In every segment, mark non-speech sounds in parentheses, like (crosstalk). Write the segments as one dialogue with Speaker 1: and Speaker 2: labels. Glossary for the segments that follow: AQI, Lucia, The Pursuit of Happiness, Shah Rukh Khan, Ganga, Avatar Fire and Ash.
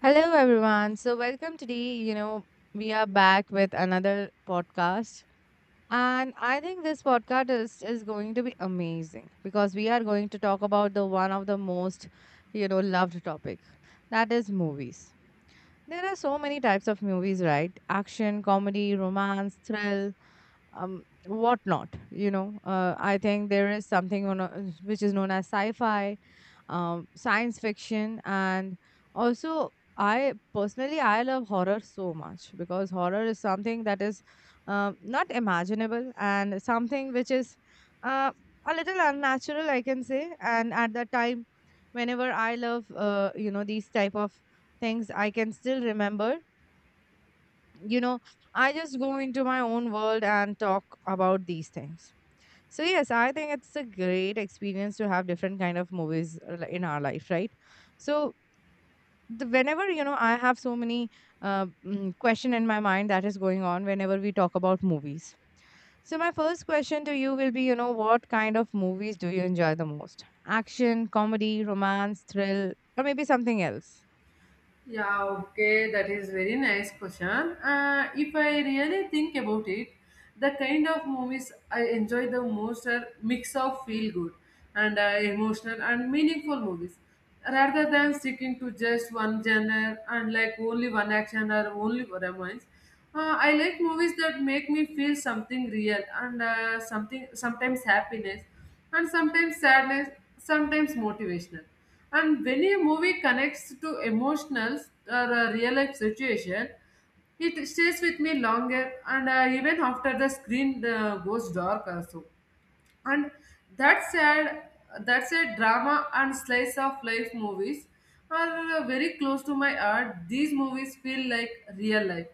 Speaker 1: Hello, everyone. So, welcome today. We are back with another podcast. And I think this podcast is going to be amazing because we are going to talk about the one of the most, loved topic that is movies. There are so many types of movies, right? Action, comedy, romance, thrill, whatnot. I think there is something which is known as sci fi, science fiction, and also I personally I love horror so much because horror is something that is, not imaginable and something which is, uh, a little unnatural, I can say. And at that time, whenever I love, these type of things, I can still remember you know I just go into my own world and talk about these things. So, yes, I think it's a great experience to have different kind of movies, in our life, right? So, whenever, I have so many, question in my mind that is going on whenever we talk about movies. So my first question to you will be, what kind of movies do you enjoy the most? Action, comedy, romance, thrill, or maybe something else?
Speaker 2: Yeah, okay, that is very nice question. If I really think about it, the kind of movies I enjoy the most are mix of feel good and emotional and meaningful movies rather than sticking to just one genre and like only one action or only romance. I like movies that make me feel something real and something sometimes happiness and sometimes sadness, sometimes motivational. And when a movie connects to emotional or real life situation, it stays with me longer and even after the screen goes dark also and that said that said drama and slice of life movies are very close to my heart. These movies feel like real life.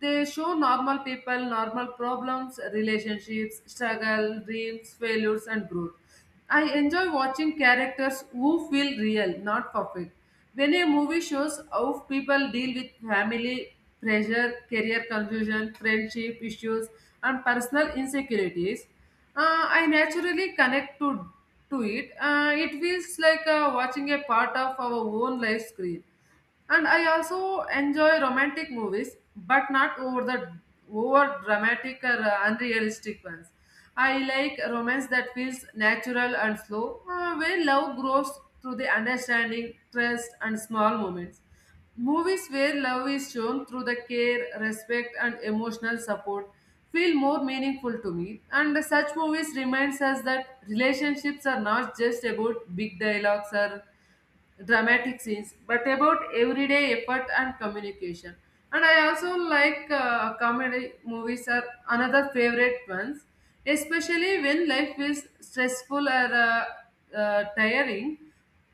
Speaker 2: They show normal people, normal problems, relationships, struggle, dreams, failures, and growth. I enjoy watching characters who feel real, not perfect. When a movie shows how people deal with family pressure, career confusion, friendship issues, and personal insecurities, I naturally connect to it. It feels like watching a part of our own life screen. And I also enjoy romantic movies, but not over dramatic or unrealistic ones. I like romance that feels natural and slow, where love grows through the understanding, trust, and small moments. Movies where love is shown through the care, respect, and emotional support feel more meaningful to me. And such movies reminds us that relationships are not just about big dialogues or dramatic scenes, but about everyday effort and communication. And I also like comedy movies are another favorite ones, especially when life is stressful or tiring.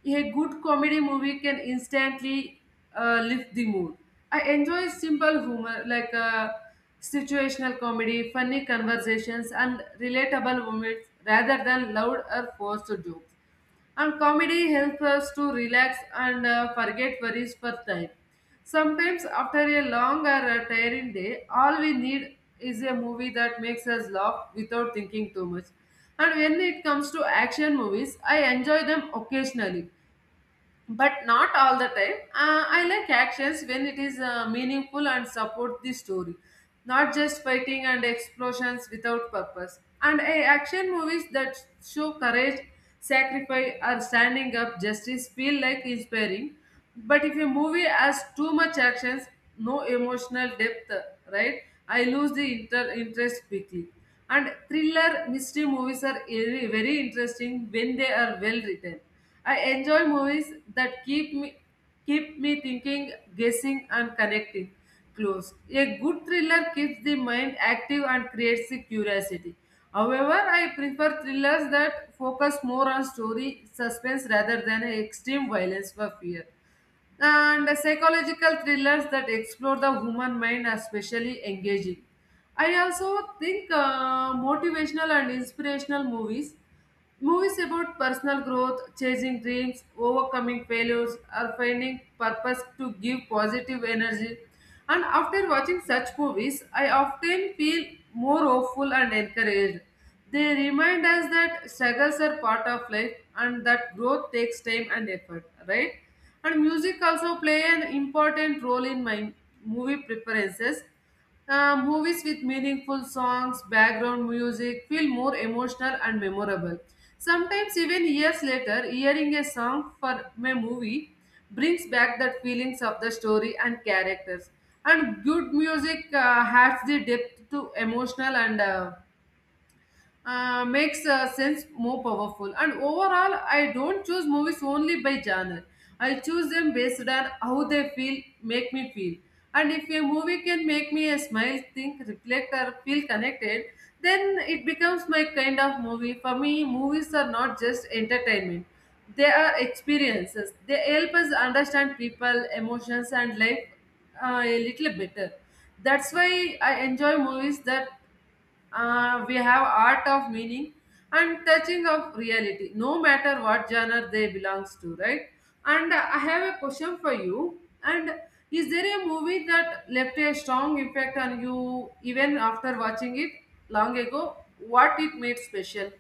Speaker 2: A good comedy movie can instantly lift the mood. I enjoy simple humor like situational comedy, funny conversations, and relatable moments rather than loud or forced jokes. And comedy helps us to relax and forget worries for time. Sometimes, after a long or a tiring day, all we need is a movie that makes us laugh without thinking too much. And when it comes to action movies, I enjoy them occasionally but not all the time. I like actions when it is meaningful and support the story, not just fighting and explosions without purpose. And action movies that show courage, sacrifice, or standing up justice feel like inspiring. But if a movie has too much actions, no emotional depth, right? I lose the interest quickly. And thriller mystery movies are very very interesting when they are well written. I enjoy movies that keep me thinking, guessing, and connecting clues. A good thriller keeps the mind active and creates the curiosity. However, I prefer thrillers that focus more on story, suspense rather than extreme violence for fear. And psychological thrillers that explore the human mind are especially engaging. I also think motivational and inspirational movies, movies about personal growth, chasing dreams, overcoming failures, or finding purpose to give positive energy. And after watching such movies, I often feel more hopeful and encouraged. They remind us that struggles are part of life and that growth takes time and effort, right? And music also play an important role in my movie preferences. Movies with meaningful songs, background music feel more emotional and memorable. Sometimes, even years later, hearing a song for a movie brings back that feelings of the story and characters. And good music adds the depth to emotional and makes sense more powerful. And overall, I don't choose movies only by genre. I choose them based on how they feel, make me feel. And if a movie can make me a smile, think, reflect, or feel connected, then it becomes my kind of movie. For me, movies are not just entertainment; they are experiences. They help us understand people, emotions, and life a little better. That's why I enjoy movies that we have art of meaning and touching of reality, no matter what genre they belongs to, right? And I have a question for you. And is there a movie that left a strong impact on you even after watching it long ago? What it made special?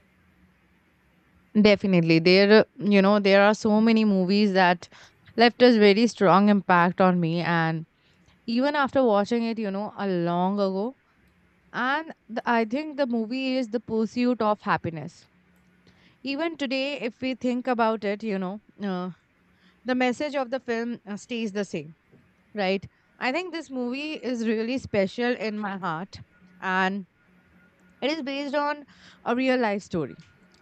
Speaker 1: Definitely, there you know there are so many movies that left us very strong impact on me, and even after watching it, a long ago. And I think the movie is The Pursuit of Happiness. Even today, if we think about it, the message of the film, stays the same, right? I think this movie is really special in my heart. And it is based on a real life story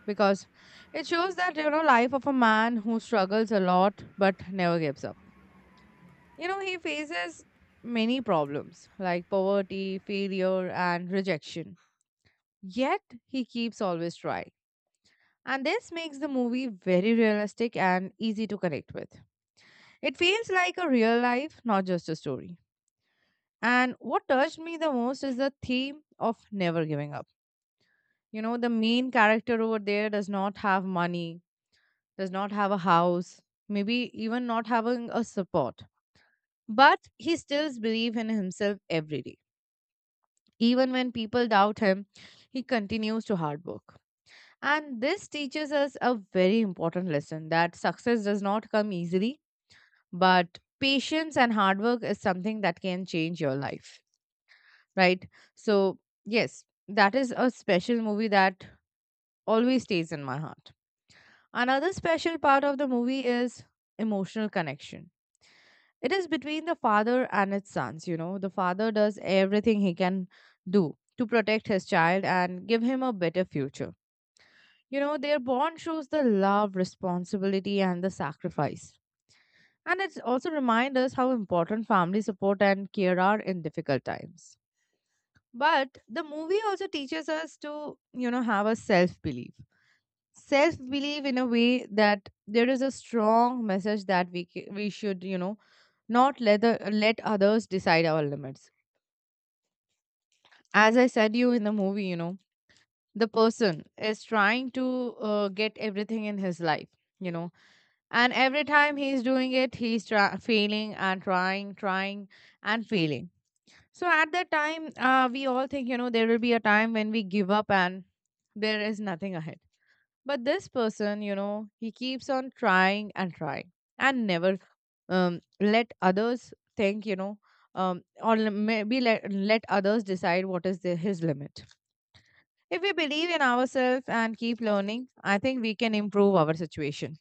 Speaker 1: because it shows that, life of a man who struggles a lot but never gives up. He faces many problems like poverty, failure, and rejection. Yet he keeps always trying. And this makes the movie very realistic and easy to connect with. It feels like a real life, not just a story. And what touched me the most is the theme of never giving up. The main character over there does not have money, does not have a house, maybe even not having a support. But he still believes in himself every day. Even when people doubt him, he continues to hard work. And this teaches us a very important lesson that success does not come easily, but patience and hard work is something that can change your life, right? So, yes, that is a special movie that always stays in my heart. Another special part of the movie is emotional connection. It is between the father and his sons. The father does everything he can do to protect his child and give him a better future. Their bond shows the love, responsibility, and the sacrifice. And it also reminds us how important family support and care are in difficult times. But the movie also teaches us to, have a self belief. Self belief in a way that there is a strong message that we should, not let others decide our limits. As I said you in the movie, the person is trying to, get everything in his life, you know, and every time he's doing it, he's failing and trying and failing. So at that time, we all think, there will be a time when we give up and there is nothing ahead. But this person, he keeps on trying and trying and never, let others think, or maybe let others decide what is his limit. If we believe in ourselves and keep learning, I think we can improve our situation.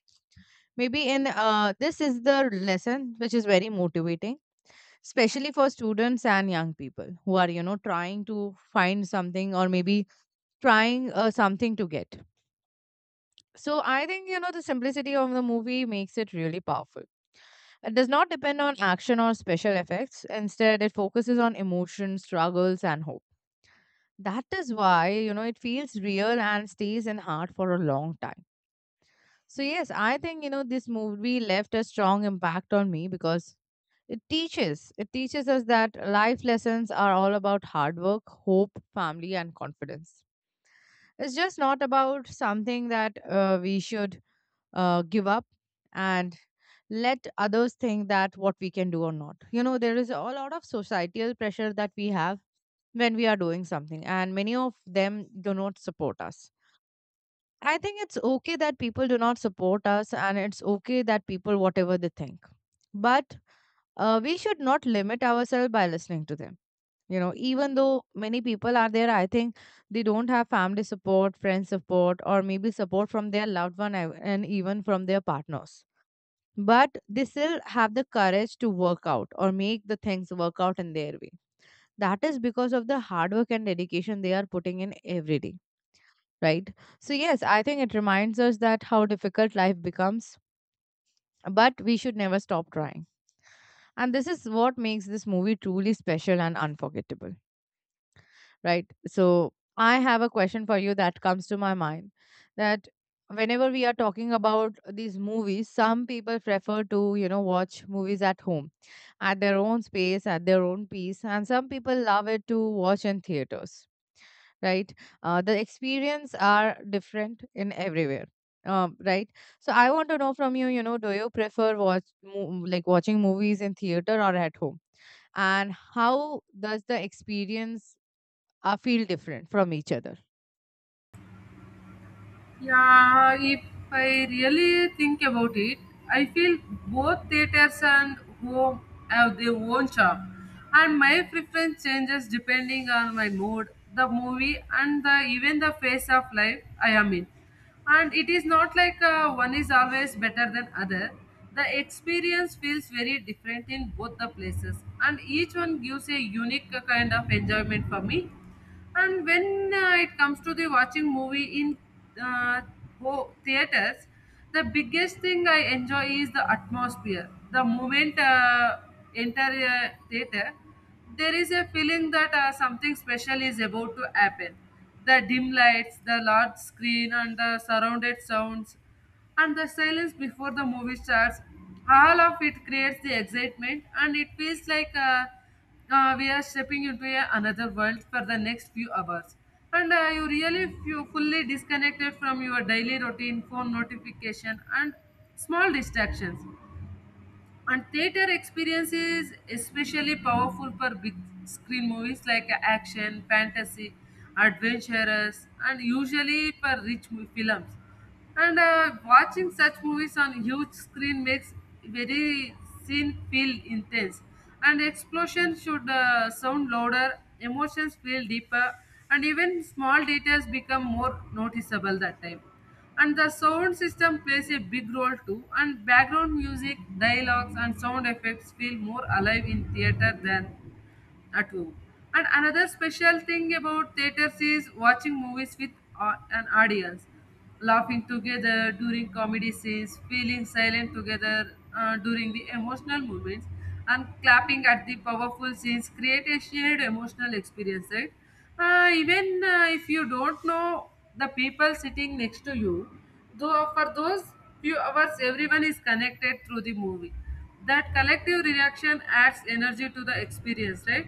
Speaker 1: Maybe in this is the lesson which is very motivating, especially for students and young people who are, trying to find something or maybe trying, something to get. So I think, the simplicity of the movie makes it really powerful. It does not depend on action or special effects. Instead, it focuses on emotion, struggles, and hope. That is why, it feels real and stays in heart for a long time. So, yes, I think, this movie left a strong impact on me because it teaches us that life lessons are all about hard work, hope, family, and confidence. It's just not about something that, we should, give up and let others think that what we can do or not. There is a lot of societal pressure that we have when we are doing something, and many of them do not support us. I think it's okay that people do not support us, and it's okay that people, whatever they think. But, we should not limit ourselves by listening to them. Even though many people are there, I think they don't have family support, friend support, or maybe support from their loved one, and even from their partners. But they still have the courage to work out or make the things work out in their way. That is because of the hard work and dedication they are putting in every day, right? So, yes, I think it reminds us that how difficult life becomes, but we should never stop trying. And this is what makes this movie truly special and unforgettable, right? So, I have a question for you that comes to my mind that whenever we are talking about these movies, some people prefer to, watch movies at home, at their own space, at their own pace, and some people love it to watch in theaters, right? The experience are different in everywhere, right? So I want to know from you, you know do you prefer like watching movies in theater or at home, and how does the experience, feel different from each other?
Speaker 2: Yeah, if I really think about it, I feel both theaters and home have their own charm, and my preference changes depending on my mood, the movie, and the even the phase of life I am in. And it is not like one is always better than other. The experience feels very different in both the places, and each one gives a unique kind of enjoyment for me. And when it comes to the watching movie in uh, theaters, the biggest thing I enjoy is the atmosphere. The moment enter a theater, there is a feeling that something special is about to happen. The dim lights, the large screen, and the surrounded sounds and the silence before the movie starts, all of it creates the excitement and it feels like we are stepping into a, another world for the next few hours and you really feel fully disconnected from your daily routine phone notification and small distractions. And theater experience is especially powerful for big screen movies like action, fantasy, adventurous, and usually for films. And watching such movies on huge screen makes very scene feel intense. And explosion should sound louder, emotions feel deeper, and even small details become more noticeable that time. And the sound system plays a big role too, and background music, dialogues, and sound effects feel more alive in theater than at home. And another special thing about theaters is watching movies with an audience, laughing together during comedy scenes, feeling silent together during the emotional moments, and clapping at the powerful scenes create a shared emotional experience, right? Even if you don't know the people sitting next to you, though for those few hours, everyone is connected through the movie. That collective reaction adds energy to the experience, right?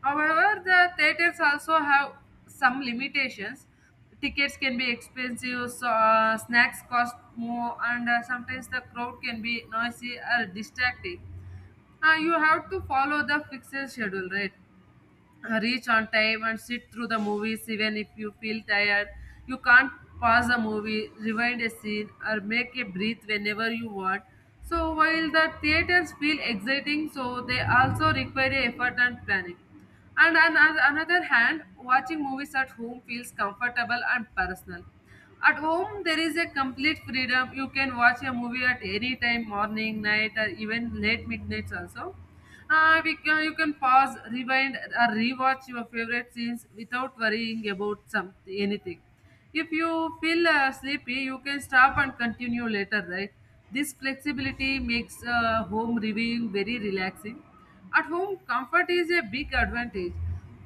Speaker 2: However, the theaters also have some limitations. Tickets can be expensive, so, snacks cost more and sometimes the crowd can be noisy or distracting. You have to follow the fixed schedule, right? Reach on time and sit through the movies even if you feel tired. You can't pause a movie, rewind a scene, or make a breath whenever you want. So while the theaters feel exciting, so they also require effort and planning. And on another hand, watching movies at home feels comfortable and personal. At home, there is a complete freedom. You can watch a movie at any time, morning, night, or even late midnights also. We can, you can pause, rewind, or rewatch your favorite scenes without worrying about some anything. If you feel sleepy, you can stop and continue later, right? This flexibility makes home reviewing very relaxing. At home, comfort is a big advantage.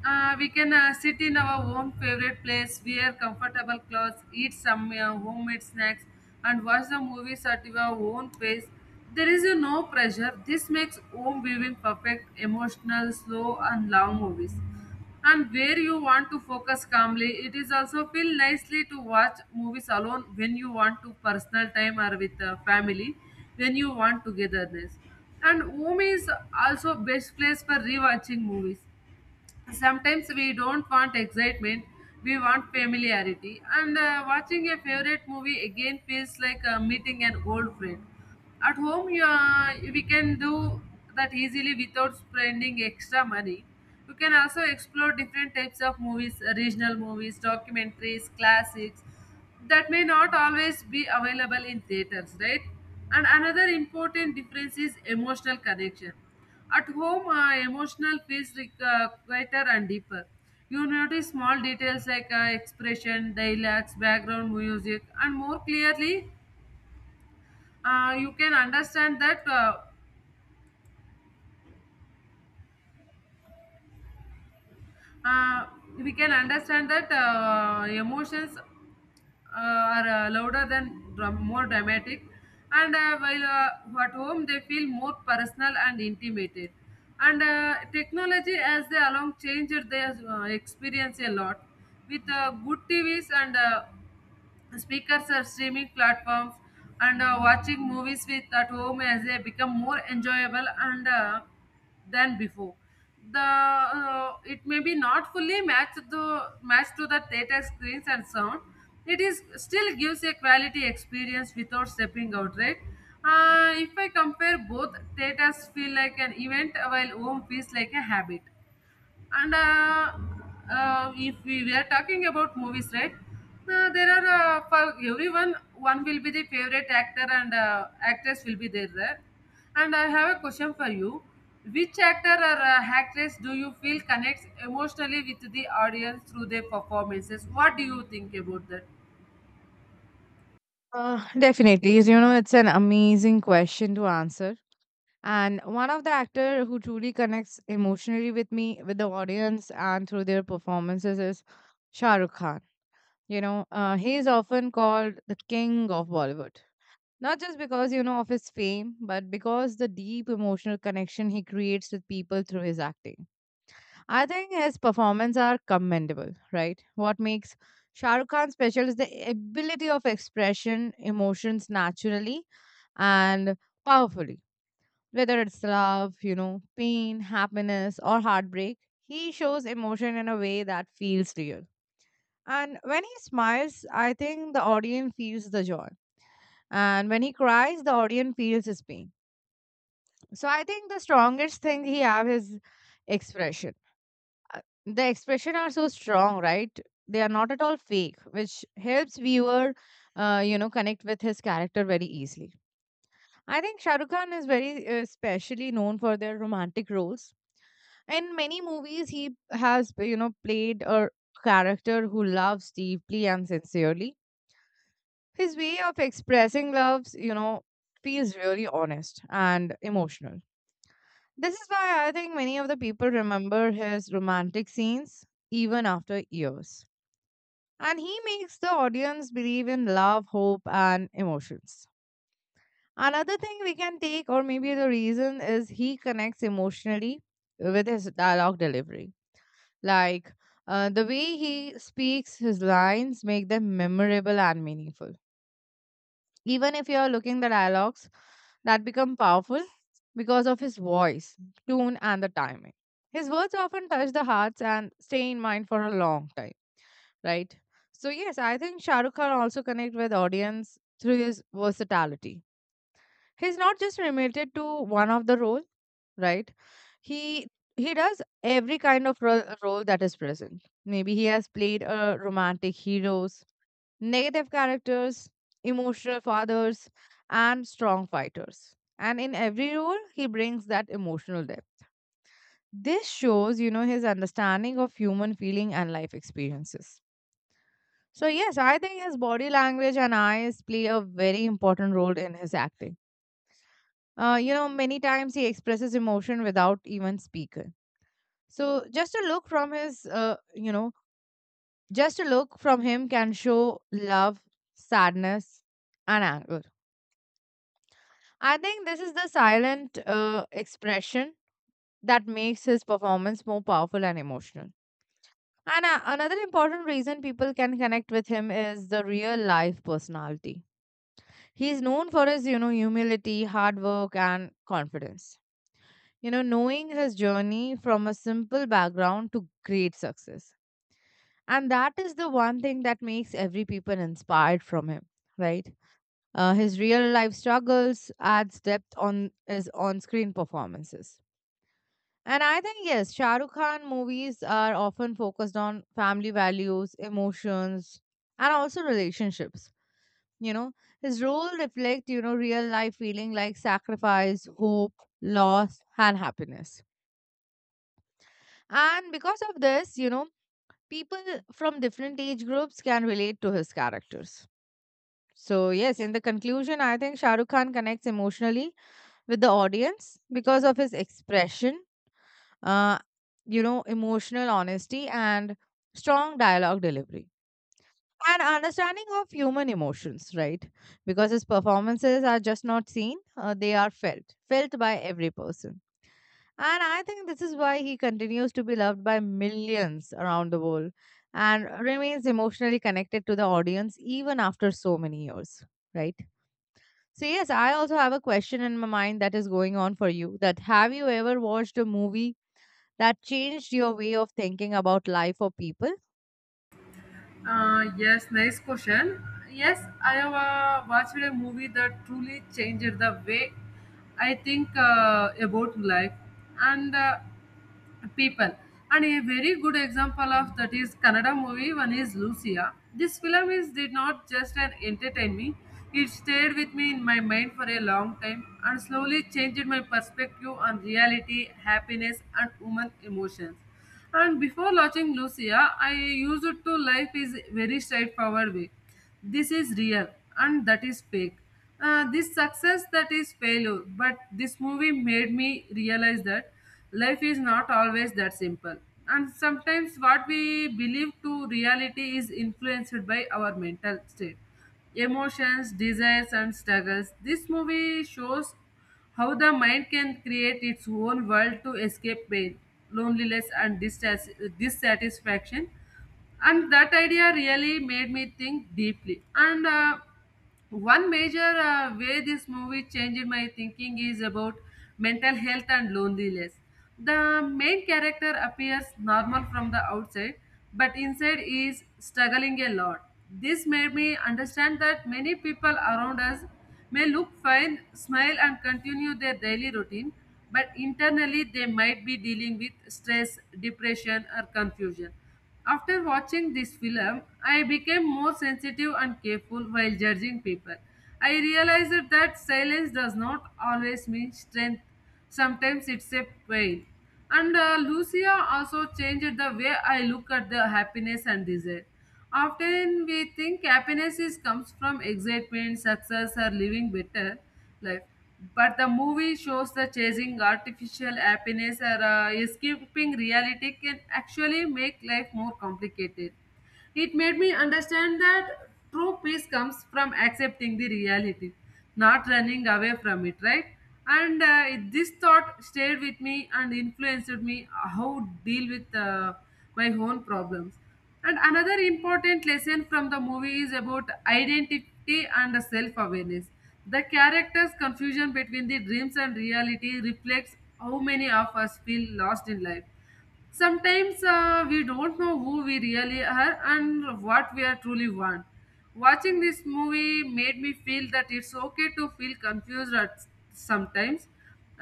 Speaker 2: We can sit in our own favorite place, wear comfortable clothes, eat some homemade snacks, and watch the movies at your own pace. There is no pressure. This makes home viewing perfect, emotional, slow, and long movies. And where you want to focus calmly, it is also feel nicely to watch movies alone when you want to personal time or with family, when you want togetherness. And home is also best place for rewatching movies. Sometimes we don't want excitement, we want familiarity, and watching a favorite movie again feels like meeting an old friend. At home we can do that easily without spending extra money. You can also explore different types of movies, regional movies, documentaries, classics that may not always be available in theaters, right? And another important difference is emotional connection. At home, emotional feels like, quieter and deeper. You notice small details like expression, dialects, background music, and more clearly, you can understand that uh, we can understand that emotions are more dramatic and while at home they feel more personal and intimate, and technology as they along changed their experience a lot with good TVs and speakers or streaming platforms and watching movies with at home as they become more enjoyable and than before. The It may be not fully matched the match to the theater screens and sound. It is still gives a quality experience without stepping out, right? If I compare both, theaters feel like an event while home feels like a habit. And if we were talking about movies, right? There are for everyone, one will be the favorite actor and actress will be there, right? And I have a question for you. Which actor or actress do you feel connects emotionally with the audience through their performances? What do you think about that?
Speaker 1: Definitely, it's an amazing question to answer, and one of the actor who truly connects emotionally with me, with the audience and through their performances is Shah Rukh Khan. He is often called the king of Bollywood. Not just because, of his fame, but because the deep emotional connection he creates with people through his acting. I think his performances are commendable, right? What makes Shah Rukh Khan special is the ability of expression emotions naturally and powerfully. Whether it's love, pain, happiness, or heartbreak, he shows emotion in a way that feels real. And when he smiles, I think the audience feels the joy. And when he cries, the audience feels his pain. So I think the strongest thing he have is expression. The expression are so strong, right? They are not at all fake, which helps viewer, connect with his character very easily. I think Shah Rukh Khan is very, specially known for their romantic roles. In many movies, he has, played a character who loves deeply and sincerely. His way of expressing loves, feels really honest and emotional. This is why I think many of the people remember his romantic scenes even after years. And he makes the audience believe in love, hope, and emotions. Another thing we can take, or maybe the reason, is he connects emotionally with his dialogue delivery. Like, the way he speaks his lines make them memorable and meaningful, even if you are looking the dialogues that become powerful because of his voice, tune, and the timing. His words often touch the hearts and stay in mind for a long time, right? So yes, I think Shah Rukh Khan also connect with audience through his versatility. He's not just limited to one of the role, right? he he does every kind of role that is present. Maybe he has played a romantic heroes, negative characters, emotional fathers, and strong fighters. And in every role he brings that emotional depth. This shows, his understanding of human feeling and life experiences. So yes, I think his body language and eyes play a very important role in his acting. Many times he expresses emotion without even speaking. So just a look from his, you know, just a look from him can show love, sadness, and anger. I think this is the silent, expression that makes his performance more powerful and emotional. And, another important reason people can connect with him is the real life personality. He is known for his, humility, hard work, and confidence. You know, knowing his journey from a simple background to great success, and that is the one thing that makes every people inspired from him, right? His real life struggles adds depth on his on-screen performances, and I think yes, Shah Rukh Khan movies are often focused on family values, emotions, and also relationships, you know. His role reflect, you know, real life feeling like sacrifice, hope, loss, and happiness. And because of this, you know, people from different age groups can relate to his characters. So, yes, in the conclusion, I think Shah Rukh Khan connects emotionally with the audience because of his expression, uh, you know, emotional honesty and strong dialogue delivery and understanding of human emotions, right? Because his performances are just not seen, they are felt by every person. And I think this is why he continues to be loved by millions around the world and remains emotionally connected to the audience even after so many years, right? So yes, I also have a question in my mind that is going on for you, that have you ever watched a movie that changed your way of thinking about life or people?
Speaker 2: Yes, nice question. Yes, I have watched a movie that truly changed the way I think about life. And people. And a very good example of that is Kannada movie. One is Lucia. This film is did not just an entertain me. It stayed with me in my mind for a long time and slowly changed my perspective on reality, happiness, and human emotions. And before watching Lucia, I used it to life is very straightforward way. This is real and that is fake, this success that is failure, but this movie made me realize that life is not always that simple, and sometimes what we believe to reality is influenced by our mental state, emotions, desires, and struggles. This movie shows how the mind can create its own world to escape pain, loneliness, and dissatisfaction. And that idea really made me think deeply. And one major way this movie changed my thinking is about mental health and loneliness. The main character appears normal from the outside, but inside is struggling a lot. This made me understand that many people around us may look fine, smile, and continue their daily routine, but internally they might be dealing with stress, depression, or confusion. After watching this film, I became more sensitive and careful while judging people. I realized that silence does not always mean strength, sometimes it's a pain. And Lucia also changed the way I look at the happiness and desire. Often we think happiness is comes from excitement, success, or living better life. But the movie shows the chasing artificial happiness or escaping reality can actually make life more complicated. It made me understand that true peace comes from accepting the reality, not running away from it, right? And this thought stayed with me and influenced me how to deal with my own problems. And another important lesson from the movie is about identity and self awareness. The character's confusion between the dreams and reality reflects how many of us feel lost in life. Sometimes we don't know who we really are and what we are truly want. Watching this movie made me feel that it's okay to feel confused at sometimes.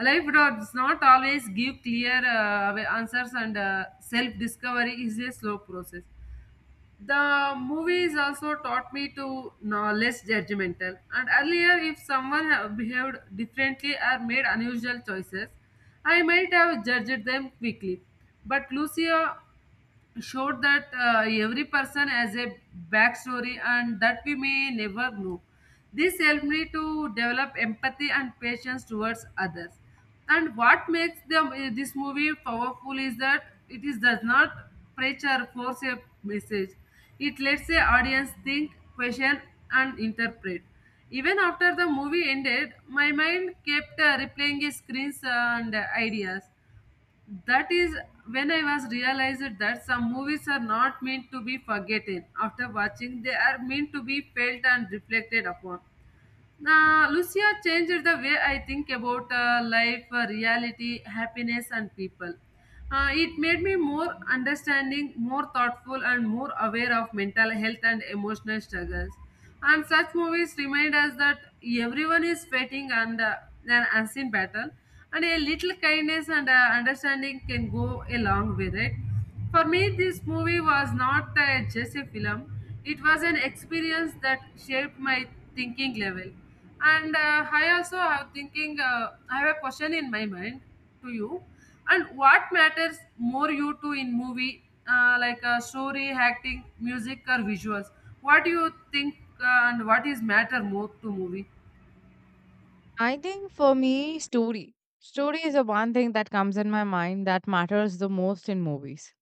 Speaker 2: Life does not always give clear answers, and self discovery is a slow process. The movies also taught me to know less judgmental. And earlier, if someone have behaved differently or made unusual choices, I might have judged them quickly. But Lucia showed that every person has a backstory and that we may never know. This helped me to develop empathy and patience towards others. And what makes them, this movie powerful is that it is does not preach or force a message. It lets the audience think, question, and interpret. Even after the movie ended, my mind kept replaying its screens and ideas. That is when I was realized that some movies are not meant to be forgotten after watching, they are meant to be felt and reflected upon. Now, Lucia changed the way I think about life, reality, happiness, and people. It made me more understanding, more thoughtful, and more aware of mental health and emotional struggles. And such movies remind us that everyone is fighting and an unseen battle, and a little kindness and understanding can go a long way, right? For me, this movie was not a, just a film. It was an experience that shaped my thinking level. And I also have thinking. I have a question in my mind to you. And what matters more you to in movie, story, acting, music, or visuals? What do you think? And what is matter more to movie?
Speaker 1: I think for me, story. Story is the one thing that comes in my mind that matters the most in movies.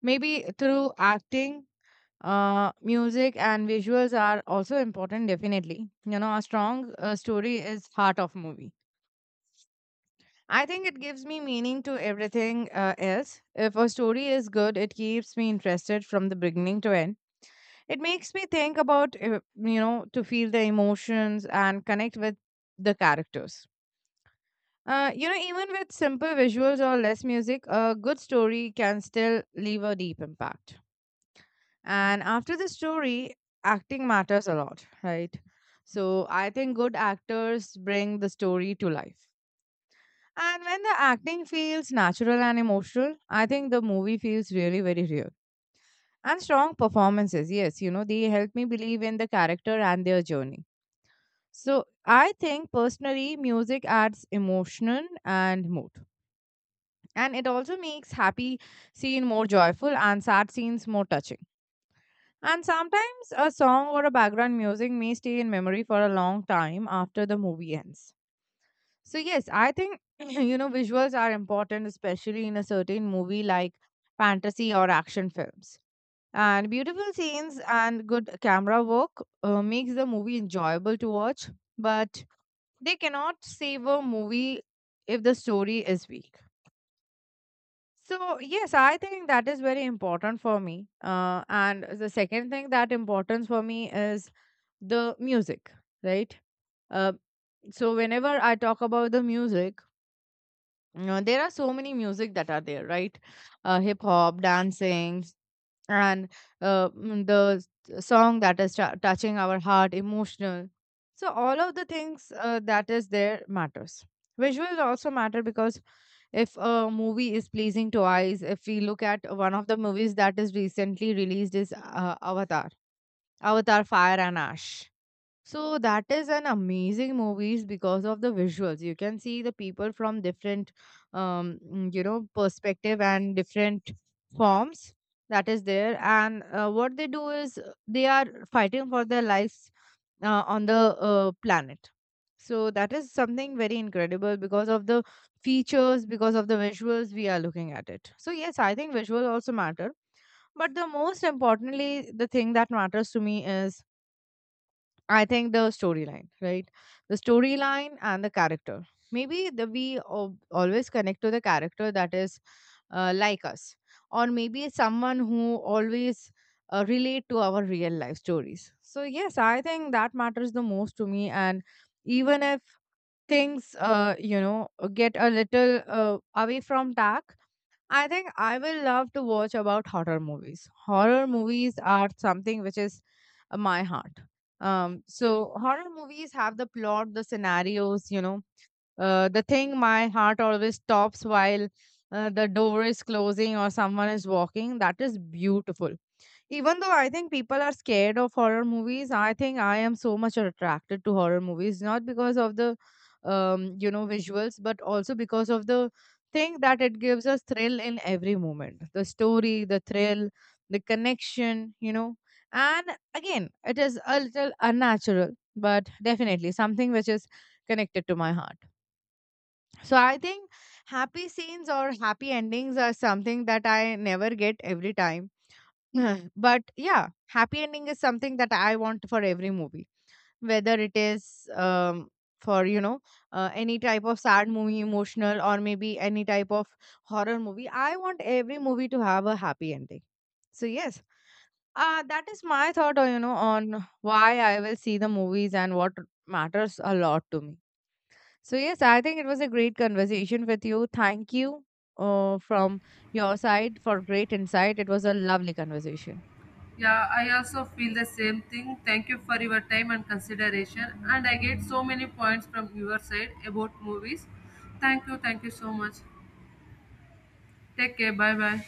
Speaker 1: Maybe through acting. Music and visuals are also important, definitely. You know, a strong story is heart of movie. I think it gives me meaning to everything else. If a story is good, it keeps me interested from the beginning to end. It makes me think about, you know, to feel the emotions and connect with the characters. You know, even with simple visuals or less music, a good story can still leave a deep impact. And after the story, acting matters a lot, right? So I think good actors bring the story to life. And when the acting feels natural and emotional, I think the movie feels really very real. And strong performances, yes, you know, they help me believe in the character and their journey. So I think personally, music adds emotion and mood. And it also makes happy scene more joyful and sad scenes more touching. And sometimes a song or a background music may stay in memory for a long time after the movie ends. So, yes, I think, (clears throat) you know, visuals are important, especially in a certain movie like fantasy or action films. And beautiful scenes and good camera work makes the movie enjoyable to watch, but they cannot save a movie if the story is weak. So, yes, I think that is very important for me. And the second thing that importance for me is the music, right? Uh, so whenever I talk about the music, you know, there are so many music that are there, right? Hip hop, dancing, and the song that is touching our heart, emotional. So all of the things that is there matters. Visuals also matter because if a movie is pleasing to eyes, if we look at one of the movies that is recently released is Avatar, Avatar Fire and Ash. So that is an amazing movies because of the visuals. You can see the people from different, you know, perspective and different forms that is there. And what they do is they are fighting for their lives on the planet. So that is something very incredible because of the features, because of the visuals we are looking at it. So yes, I think visuals also matter. But the most importantly, the thing that matters to me is I think the storyline, right? The storyline and the character. Maybe we always connect to the character that is like us, or maybe someone who always relate to our real life stories. So yes, I think that matters the most to me. And even if things, you know, get a little away from tack, I think I will love to watch about horror movies. Horror movies are something which is my heart. So horror movies have the plot, the scenarios, you know, the thing my heart always stops while the door is closing or someone is walking. That is beautiful. Even though I think people are scared of horror movies, I think I am so much attracted to horror movies, not because of the you know, visuals, but also because of the thing that it gives us thrill in every moment. The story, the thrill, the connection, you know. And again, it is a little unnatural, but definitely something which is connected to my heart. So I think happy scenes or happy endings are something that I never get every time (laughs) but yeah, happy ending is something that I want for every movie, whether it is for you know any type of sad movie, emotional, or maybe any type of horror movie. I want every movie to have a happy ending. So yes, that is my thought, on, you know, on why I will see the movies and what matters a lot to me. So yes, I think it was a great conversation with you. Thank you from your side for great insight. It was a lovely conversation.
Speaker 2: Yeah, I also feel the same thing. Thank you for your time and consideration. And I get so many points from your side about movies. Thank you so much. Take care, bye bye.